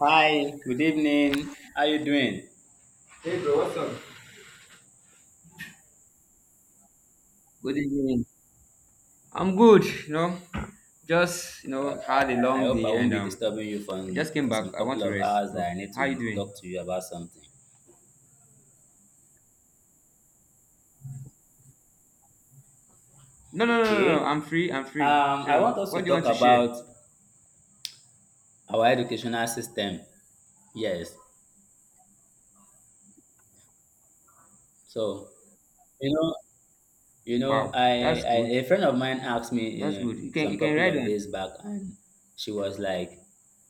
Hi, good evening. How you doing? Hey bro, what's up? Good evening. I'm good, you know. Well, Had a I long hope I day won't and be disturbing you I just came for back. some I want couple to of rest hours that though. I need How you to doing? talk to you about something. No, Okay. I'm free, I'm free. I So want us what to do you talk want to share? about our educational system. Yes. So, you know, you know, Wow, that's I good. a friend of mine asked That's me good. You some can couple ride of on. days back, and she was like,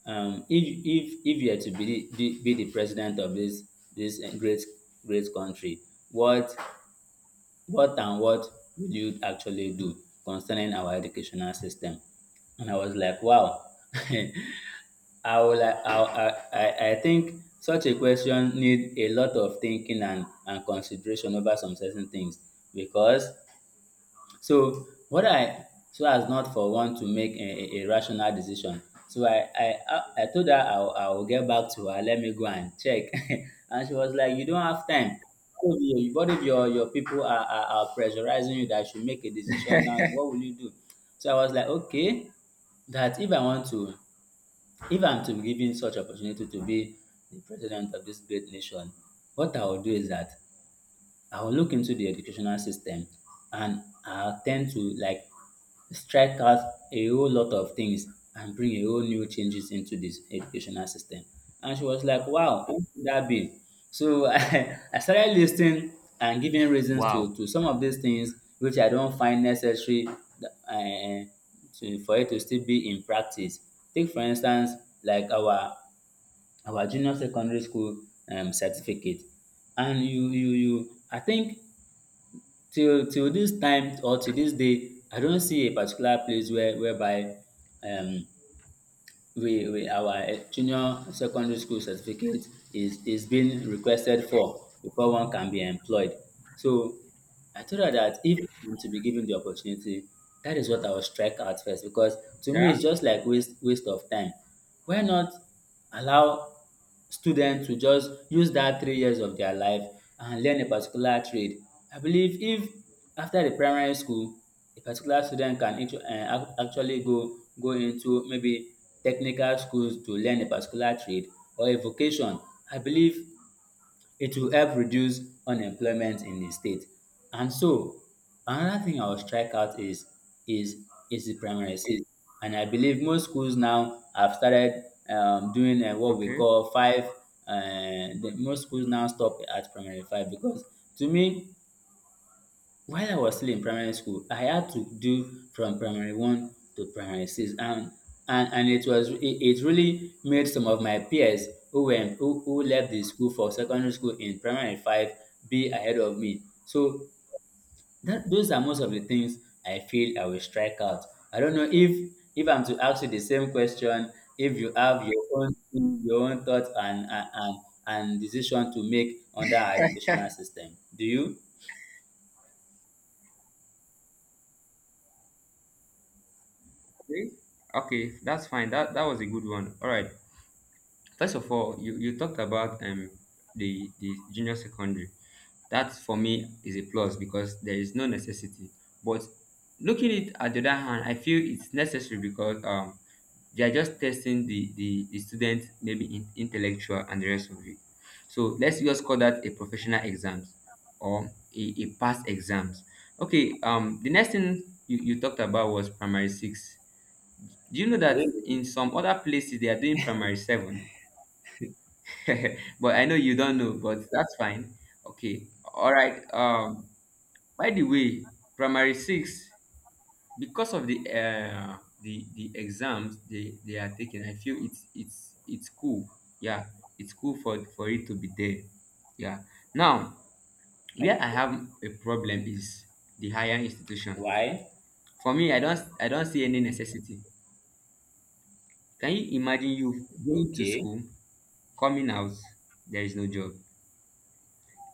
if you are to be the president of this great country, what What and what will you actually do concerning our educational system? And I was like, wow. I will, I think such a question need a lot of thinking and consideration over some certain things because so what I so as not for one to make a rational decision. So I told her I will get back to her, let me go and check. And she was like, you don't have time. What if your people are pressurizing you that you should make a decision now, and what will you do? So I was like, okay, that if I want to, if I'm to be given such opportunity to be the president of this great nation, what I will do is that I will look into the educational system and I'll tend to like strike out a whole lot of things and bring a whole new changes into this educational system. And she was like, wow, what could that be? So I started listening and giving reasons Wow. to some of these things which I don't find necessary for it to still be in practice. Take for instance, like our junior secondary school certificate, and you I think till this time or till this day I don't see a particular place whereby um we our junior secondary school certificate is being requested for before one can be employed. So I told her that if I'm to be given the opportunity, that is what I will strike out first because to Yeah, me it's just like waste of time. Why not allow students to just use that 3 years of their life and learn a particular trade. I believe if after the primary school, a particular student can actually go into maybe technical schools to learn a particular trade or a vocation. I believe it will help reduce unemployment in the state. And so another thing I will strike out is is the primary six. And I believe most schools now have started doing what we okay. call five. Most schools now stop at primary five because to me, while I was still in primary school, I had to do from primary one to primary six, and and it was it really made some of my peers who left the school for secondary school in primary five be ahead of me. So that those are most of the things I feel I will strike out. I don't know, if I'm to ask you the same question, if you have your own thing, your own thought and decision to make under our educational system, do you? Okay, okay, that's fine. That was a good one. All right. First of all, you talked about the junior secondary. That for me is a plus because there is no necessity. But looking it at the other hand, I feel it's necessary because they are just testing the student maybe in, intellectual and the rest of it. So let's just call that a professional exams or a past exams. Okay, the next thing you talked about was primary six. Do you know that Really? in some other places they are doing primary seven? But I know you don't know, but that's fine. Okay. All right. Um, by the way, primary six, because of the exams they are taking, I feel it's cool. Yeah, it's cool for it to be there. Yeah. Now, where I have a problem is the higher institution. Why? For me, I don't I don't see any necessity. Can you imagine you going to Okay, school, coming out, there is no job?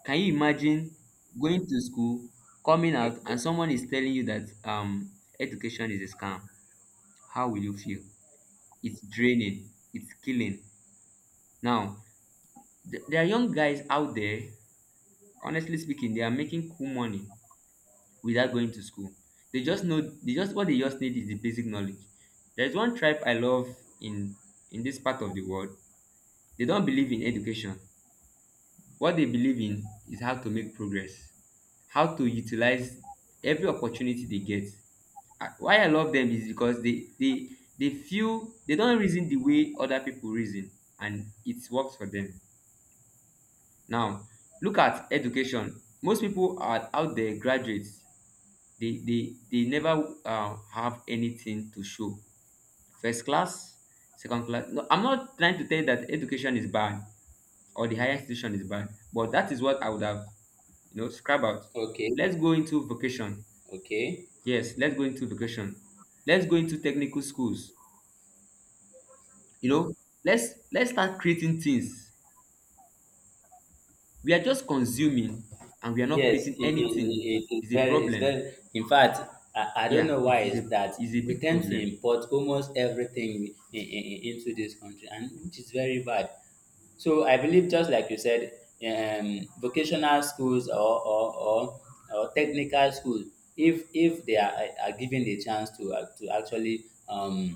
Can you imagine going to school, coming okay, out, and someone is telling you that education is a scam? How will you feel? It's draining. It's killing. Now, there are young guys out there, honestly speaking, they are making cool money without going to school. They just know, they just what they just need is the basic knowledge. There's one tribe I love in in this part of the world. They don't believe in education. What they believe in is how to make progress, how to utilize every opportunity they get. Ah, why I love them is because they they feel they don't reason the way other people reason, and it works for them. Now, look at education. Most people are out there graduates. They never have anything to show. First class, second class. No, I'm not trying to tell you that education is bad or the higher institution is bad, but that is what I would have, you know, scribe out. okay, Let's go into vocation. okay. Yes, let's go into vocation. Let's go into technical schools. You know, let's start creating things. We are just consuming and we are not Yes, creating anything. It is It's a it's problem. very. In fact, I don't Yeah, know why it it's that is a we big tend to problem. import almost everything into this country, and which is very bad. So I believe, just like you said, vocational schools or technical schools, if they are given the chance to actually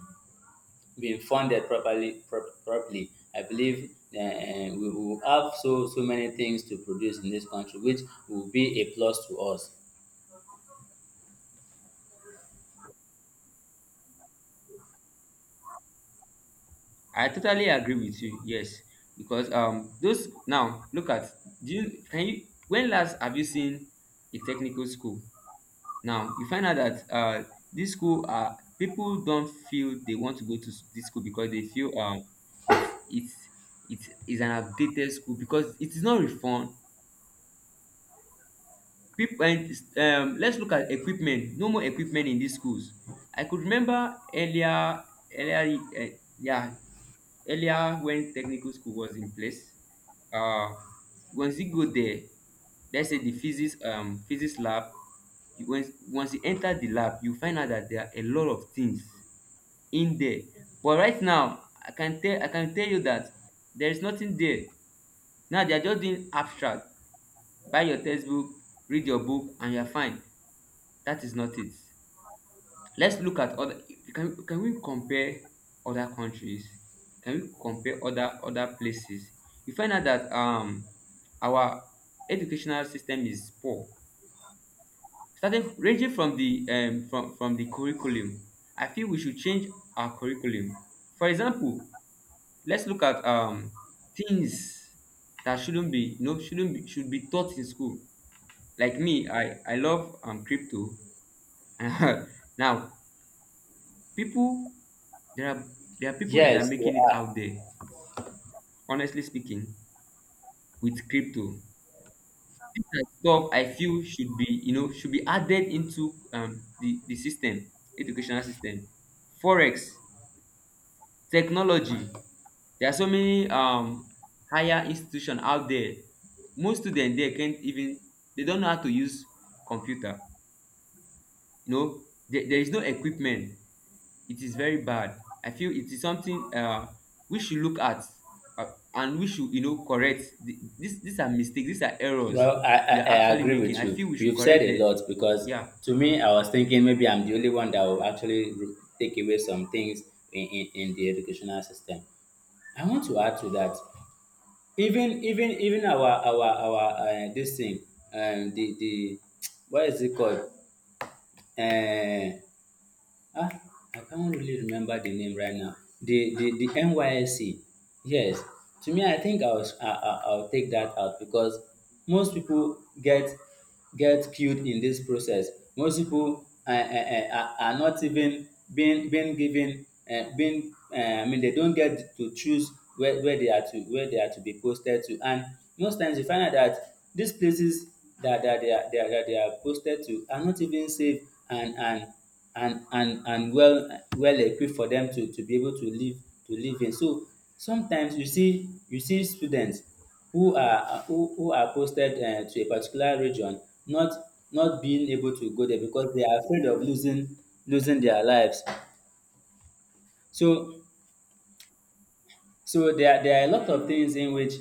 being funded properly. I believe we will have so many things to produce in this country, which will be a plus to us. I totally agree with you. Yes, because those now look at, do you, can you, when last have you seen a technical school? Now you find out that this school, uh, people don't feel they want to go to this school because they feel it's it's it's is an outdated school because it is not reformed. Equipment, let's look at equipment. No more equipment in these schools. I could remember earlier, earlier, uh, yeah, earlier when technical school was in place. Uh, once you go there, let's say the physics, physics lab. You, once you enter the lab, you find out that there are a lot of things in there. But right now, I can tell you that there is nothing there. Now they are just doing abstract, buy your textbook, read your book and you're fine. That is not it. Let's look at other, can we compare other countries? Can we compare other places? You find out that our educational system is poor, starting, ranging from the curriculum. I feel we should change our curriculum. For example, let's look at things that shouldn't be you know shouldn't be should be taught in school. Like me, I love crypto. Now, people there are there are people that are Yes, making it out there, honestly speaking, with crypto. This kind of stuff I feel should be, you know, should be added into the system, educational system. Forex, technology. There are so many higher institution out there. Most students there can't even, they don't know how to use computer. You know, there is no equipment. It is very bad. I feel it is something we should look at, and we should, you know, correct this, these are mistakes, these are errors well, we are I actually agree making. with I you. feel we should You've said correct a this. lot because Yeah. to me, I was thinking maybe I'm the only one that will actually take away some things in the educational system. I want to add to that. Even our this thing, the what is it called? Uh, Ah, I can't really remember the name right now. The NYSC. Yes. To me, I think I'll take that out because most people get killed in this process. Most people are not even being given being I mean they don't get to choose where they are to be posted to. And most times you find out that these places that, that they are that they are posted to are not even safe, and and and well equipped for them to be able to live in. So sometimes you see students who are posted to a particular region, not being able to go there because they are afraid of losing their lives. So there are a lot of things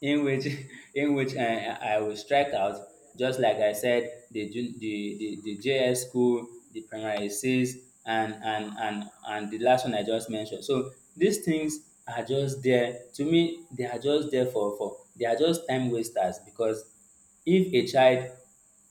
in which in which I will strike out. Just like I said, the the JS school, the primary six, and the last one I just mentioned. So these things are just there to me. They are just there for they are just time wasters because if a child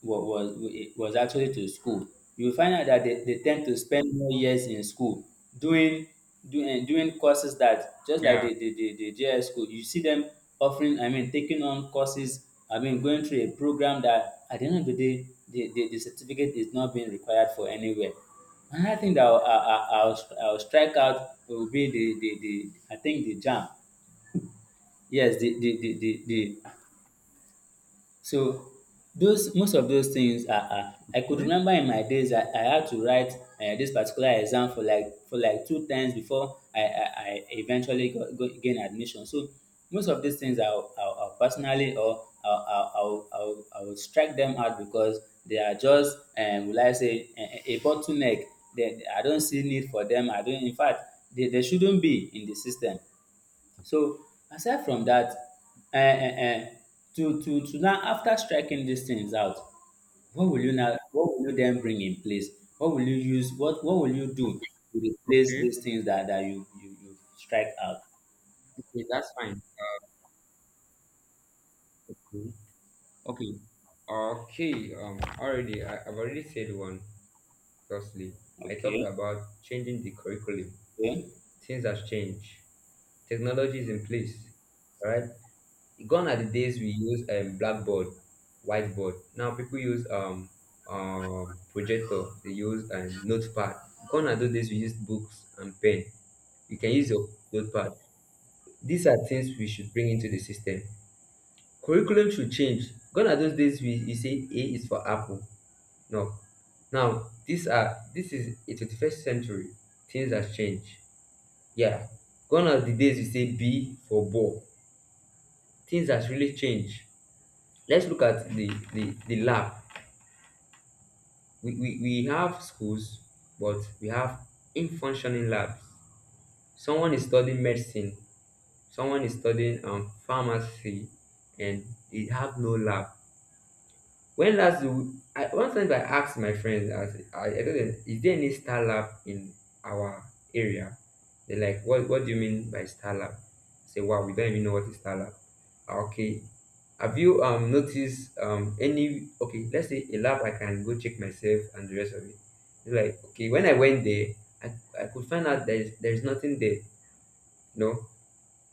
was actually to school. You will find out that they tend to spend more years in school doing doing doing courses that just Yeah. like the JS school, you see them offering, I mean taking on courses, I mean going through a program that at the end of the day the certificate is not being required for anywhere. Another thing that I'll strike out will be the I think the jam. Yes, the so those most of those things are, I could Hmm? remember in my days, I had to write this particular exam for like 2 times before I eventually got gain admission. So most of these things I'll personally, or I'll strike them out because they are just will I say a bottleneck. I don't see need for them. I don't. In fact, they shouldn't be in the system. So aside from that, uh, uh, uh, to now after striking these things out, what will you then bring in place? What will you do to replace Okay. these things that you strike out? Okay, that's fine. Mhm. Okay. Okay, already I've already said one. Firstly, I talked okay about changing the curriculum. okay Things have changed. Technology is in place, right? Gone are the days we use blackboard, whiteboard. Now people use projector, they use notepad. Gone are those days we used books and pen. You can use your notepad. These are things we should bring into the system. Curriculum should change. Gone are those days we, you say A is for apple. No. Now these are, this is a 21st century. Things has changed. Yeah. Gone are the days we say B for ball. Things has really changed. Let's look at the the lab. We have schools, but we have in-functioning labs. Someone is studying medicine, someone is studying pharmacy, and they have no lab. When last you, I, one time I asked my friends, I told them, is there any Star Lab in our area? They're like, what do you mean by Star Lab? I say, wow, we don't even know what is Star Lab. Ah, okay. Have you noticed any, okay, let's say a lab I can go check myself and the rest of it. It's like, okay, when I went there, I, I could find out there is nothing there. No.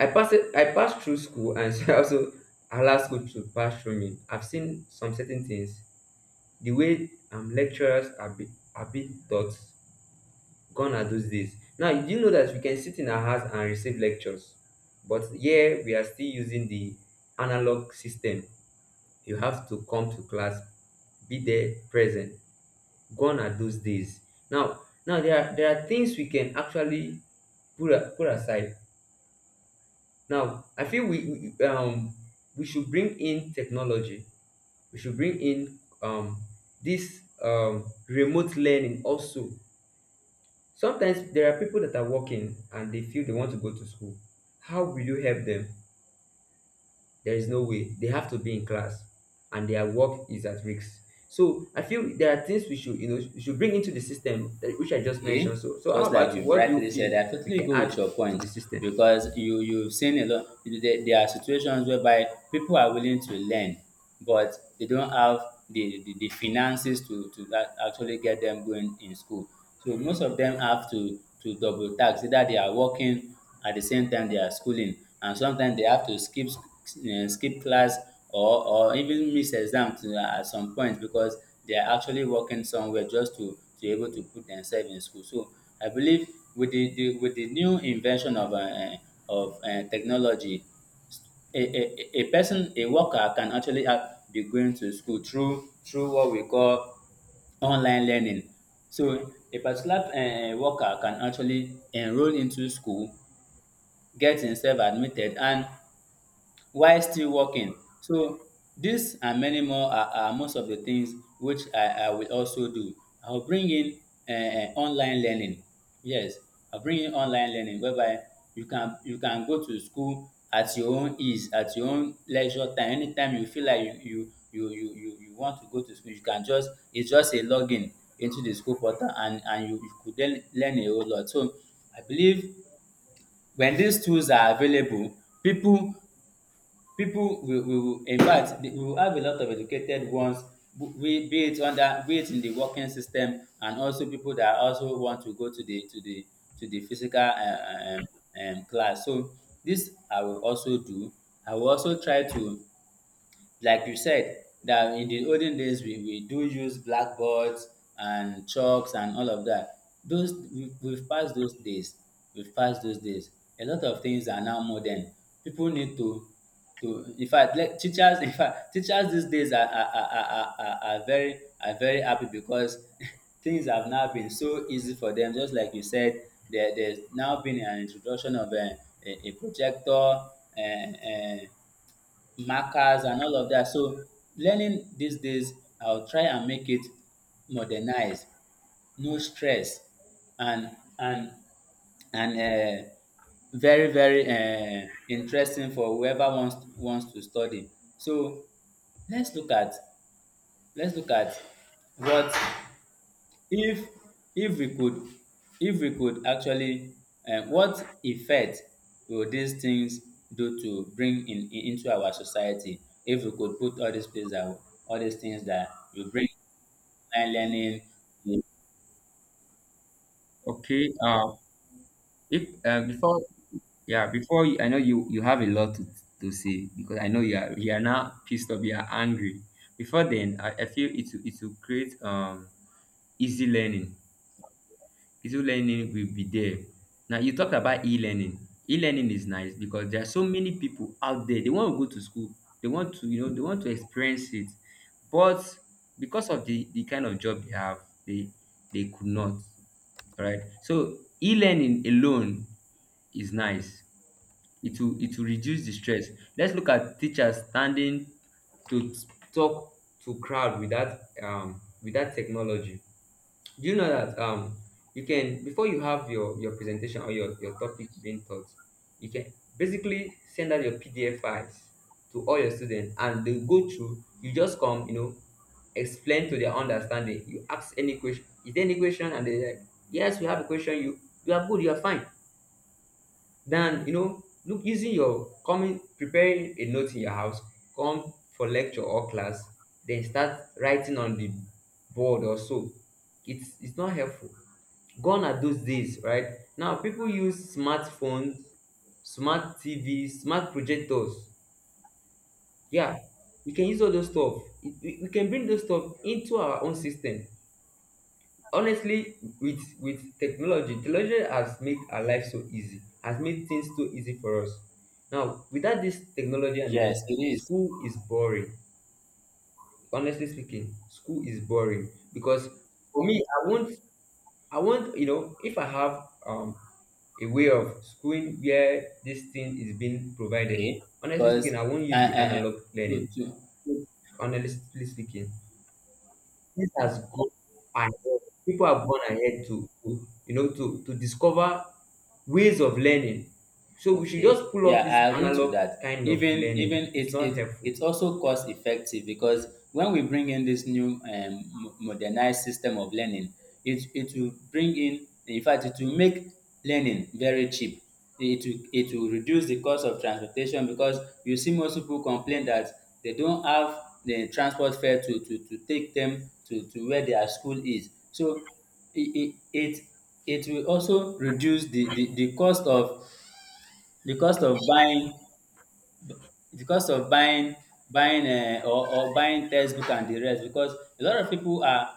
I passed through school, and she also allowed school to pass through me. I've seen some certain things, the way lecturers are be are being taught. Gone are those days. Now, do you do know that we can sit in our house and receive lectures? But here we are still using the analog system. You have to come to class, be there present. Gone are those days. now now there are things we can actually put, put aside. Now I feel, we should bring in technology. We should bring in this remote learning also. Sometimes there are people that are working and they feel they want to go to school. How will you help them? There is no way. They have to be in class and their work is at risk. So I feel there are things we should, you know, we should bring into the system, that which I just mentioned. Okay, So, so how just like about you? you have What do you rightly said, feel I we totally can go add with your to point the system? because you've seen a lot. There are situations whereby people are willing to learn, but they don't have the finances to that actually get them going in school. So most of them have to double tax. Either they are working at the same time they are schooling, and sometimes they have to skip skip class or even miss exams to at some point because they are actually working somewhere just to be able to put themselves in school. So I believe with the new invention of technology, a, a, a person, a worker can actually be going to school through what we call online learning. So a particular worker can actually enroll into school, get himself admitted and while still working. So these and many more are most of the things which I will also do. I will bring in online learning. Yes, I'll bring in online learning whereby you can go to school at your own ease, at your own leisure time. Anytime you feel like you want to go to school, you can just, it's just a login into the school portal, and you you could then learn a whole lot. So I believe when these tools are available, people people will in fact we will have a lot of educated ones. We be it under be it in the working system, and also people that also want to go to the to the physical um um class. So this I will also do. I will also try to, like you said, that in the olden days we do use blackboards and chalks and all of that. Those we've passed those days. We've passed those days. A lot of things are now modern. People need to, in fact, like teachers in fact teachers these days are very happy because things have now been so easy for them, just like you said. There's now been an introduction of a projector, uh, uh, markers and all of that. So learning these days, I'll try and make it modernized, no stress, and and and very interesting for whoever wants to study. So let's look at let's look at what, if if we could if we could actually, what effect will these things do to bring in into our society if we could put all these things that all these things that will bring online learning. Okay. If before, yeah, before you, I know you, you have a lot to say because I know you are now pissed off, you are angry. Before then, I feel it will create easy learning. Physical learning will be there. Now you talked about e-learning. E-learning is nice because there are so many people out there. They want to go to school. They want to, you know, they want to experience it. But because of the kind of job they have, they they could not. All right. So e-learning alone is nice. It will reduce the stress. Let's look at teachers standing to t- talk to crowd without without technology. Do you know that you can, before you have your presentation or your topic being taught, you can basically send out your PDF files to all your students and they go through. You just come, you know, explain to their understanding. You ask any question. Is there any question? And they like, yes, we have a question. You are good. You are fine. Then you know, look, using your coming, preparing a note in your house, come for lecture or class, then start writing on the board or so. It's not helpful. Gone are those days, right? Now people use smartphones, smart TVs, smart projectors. Yeah, we can use all those stuff. It, we can bring those stuff into our own system, honestly. With technology, technology has made our life so easy, has made things so easy for us. Now, without this technology and the Yes, rest, it is. school is boring. Honestly speaking, school is boring because for me I want, you know, if I have a way of schooling where this thing is being Okay. provided, honestly Because speaking, I won't use uh, the uh, uh, analog learning. To Honestly speaking, this has gone ahead. People have gone ahead to you know to discover ways of learning. So we should okay. just pull Yeah, up this I agree to analog that. kind of Even learning. even It's it not it helpful. it's also cost effective, because when we bring in this new modernized system of learning, it will bring in fact it will make learning very cheap. It will reduce the cost of transportation, because you see most people complain that they don't have the transport fare to take them to where their school is. So it it it it will also reduce the cost of, The cost of buying the cost of buying buying or buying textbook and the rest, because a lot of people are,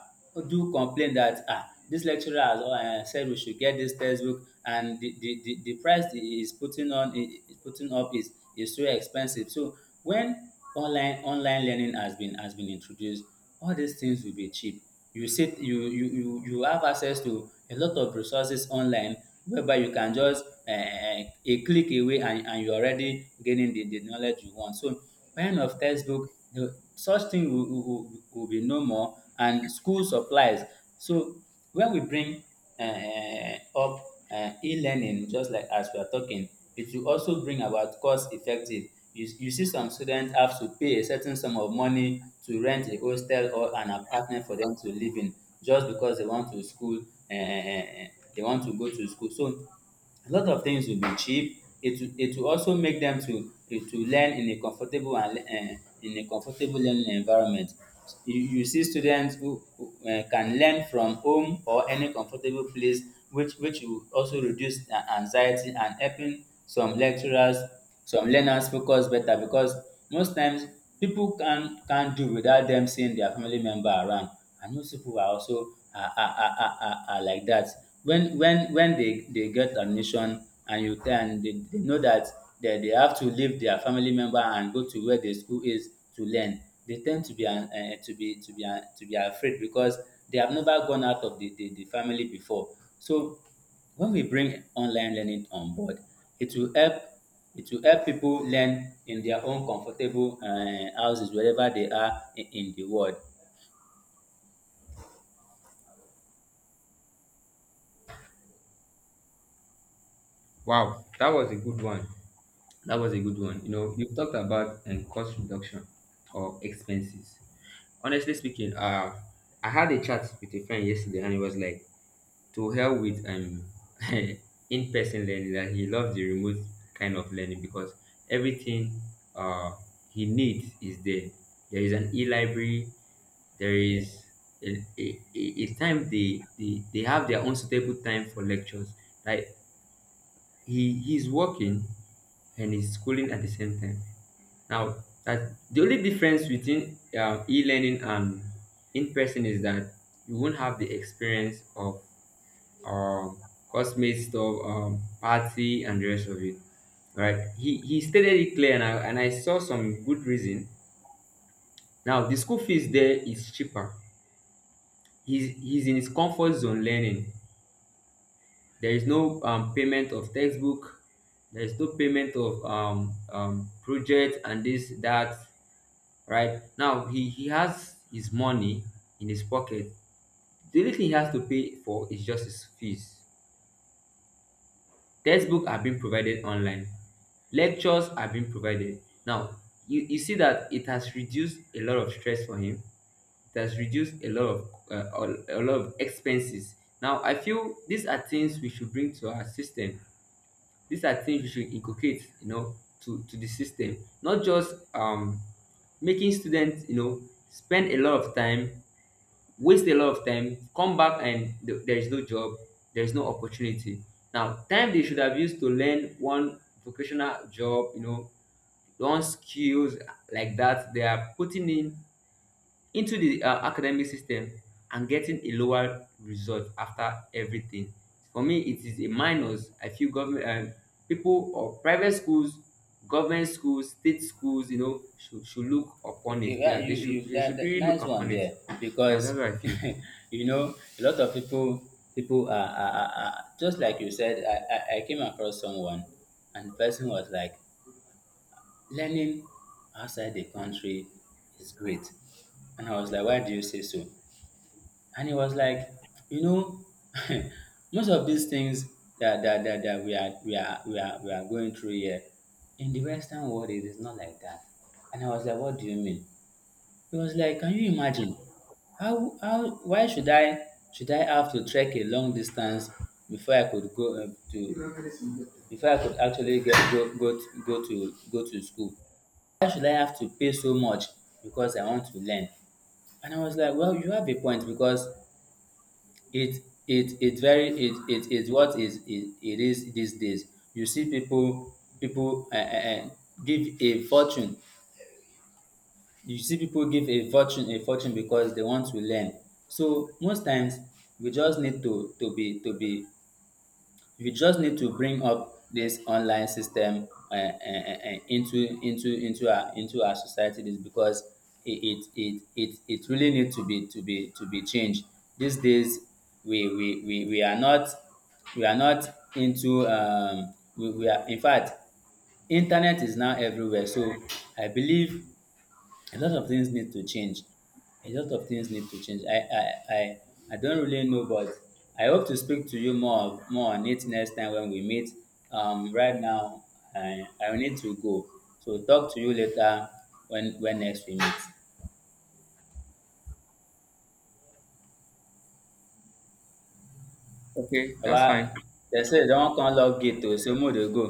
do complain that dis lecturer has said we should get dis textbook, and the price he is putting on, he is putting up is so expensive. So when online learning has been introduced, all dis things will be cheap. You sit, you have access to a lot of resources online, whereby you can just uh, a click away, and you're already gaining the knowledge you want. So buying of textbook, such thing will be no more, and school supplies. So when we bring up e-learning, just like as we are talking, it will also bring about cost effective. You see some students have to pay a certain sum of money to rent a hostel or an apartment for them to live in, just because they want to school, um they want to go to school. So a lot of things will be cheap. It will it will also make them to learn in a comfortable and in a comfortable learning environment. You see students who can learn from home or any comfortable place, which will also reduce anxiety, and helping some lecturers, some learners focus better, because most times people can do without them seeing their family member around. And most people are also are like that, when they get admission, and you tell, and they know that they have to leave their family member and go to where the school is to learn. They tend to be to be to be afraid, because they have never gone out of the family before. So when we bring online learning on board, it will help, it will help people learn in their own comfortable houses, wherever they are in the world. Wow, that was a good one. That was a good one. You know, you've talked about cost reduction or expenses. Honestly speaking, I had a chat with a friend yesterday and he was like, to hell with in-person learning, that he loves the remote kind of learning because everything uh he needs is there. There is an e-library, there is a time, they have their own suitable time for lectures. Like, he's working and he's schooling at the same time. Now, that the only difference between e-learning and in-person is that you won't have the experience of um cosmic stuff, party and the rest of it. Right? He stated it clear and I saw some good reason. Now the school fees there is cheaper. He's in his comfort zone learning. There is no payment of textbook. There is no payment of project and this that. Right now, he has his money in his pocket. The only thing he has to pay for is just his fees. Textbook are being provided online. Lectures are being provided. Now, you see that it has reduced a lot of stress for him. It has reduced a lot of a lot of expenses. Now, I feel these are things we should bring to our system, these are things we should inculcate, you know, to the system. Not just making students, you know, spend a lot of time, waste a lot of time, come back and there is no job, there is no opportunity. Now, time they should have used to learn one vocational job, you know, learn skills like that, they are putting in into the academic system and getting a lower result after everything. For me, it is a minus. I feel government people or private schools, government schools, state schools, you know, should look upon Okay, it. yeah, Yeah, you you they should that really look nice one upon it. there. Yeah, Because that's what I feel. you know, a lot of people are just like you said. I came across someone, and the person was like, "Learning outside the country is great," and I was like, "Why do you say so?" And he was like, "You know, most of these things that that, that, that we are going through here, in the Western world, it is not like that." And I was like, "What do you mean?" It was like, can you imagine? How Why should I have to trek a long distance before I could go to before I could actually get go go to, go to go to school? Why should I have to pay so much because I want to learn? And I was like, well, you have a point, because it is, it is these days. You see people give a fortune, a fortune because they want to learn. So most times, we just need to be we just need to bring up this online system into our society, is because it it, it it really need to be to be to be changed. These days, we are not, we are not into um, we are in fact, internet is now everywhere. So I believe a lot of things need to change. A lot of things need to change. I don't really know, but I hope to speak to you more more on it next time when we meet. Right now, I need to go. So talk to you later when next we meet. Okay, that's fine. Baba, they say they don't come lock gate, oh, so mo dey go.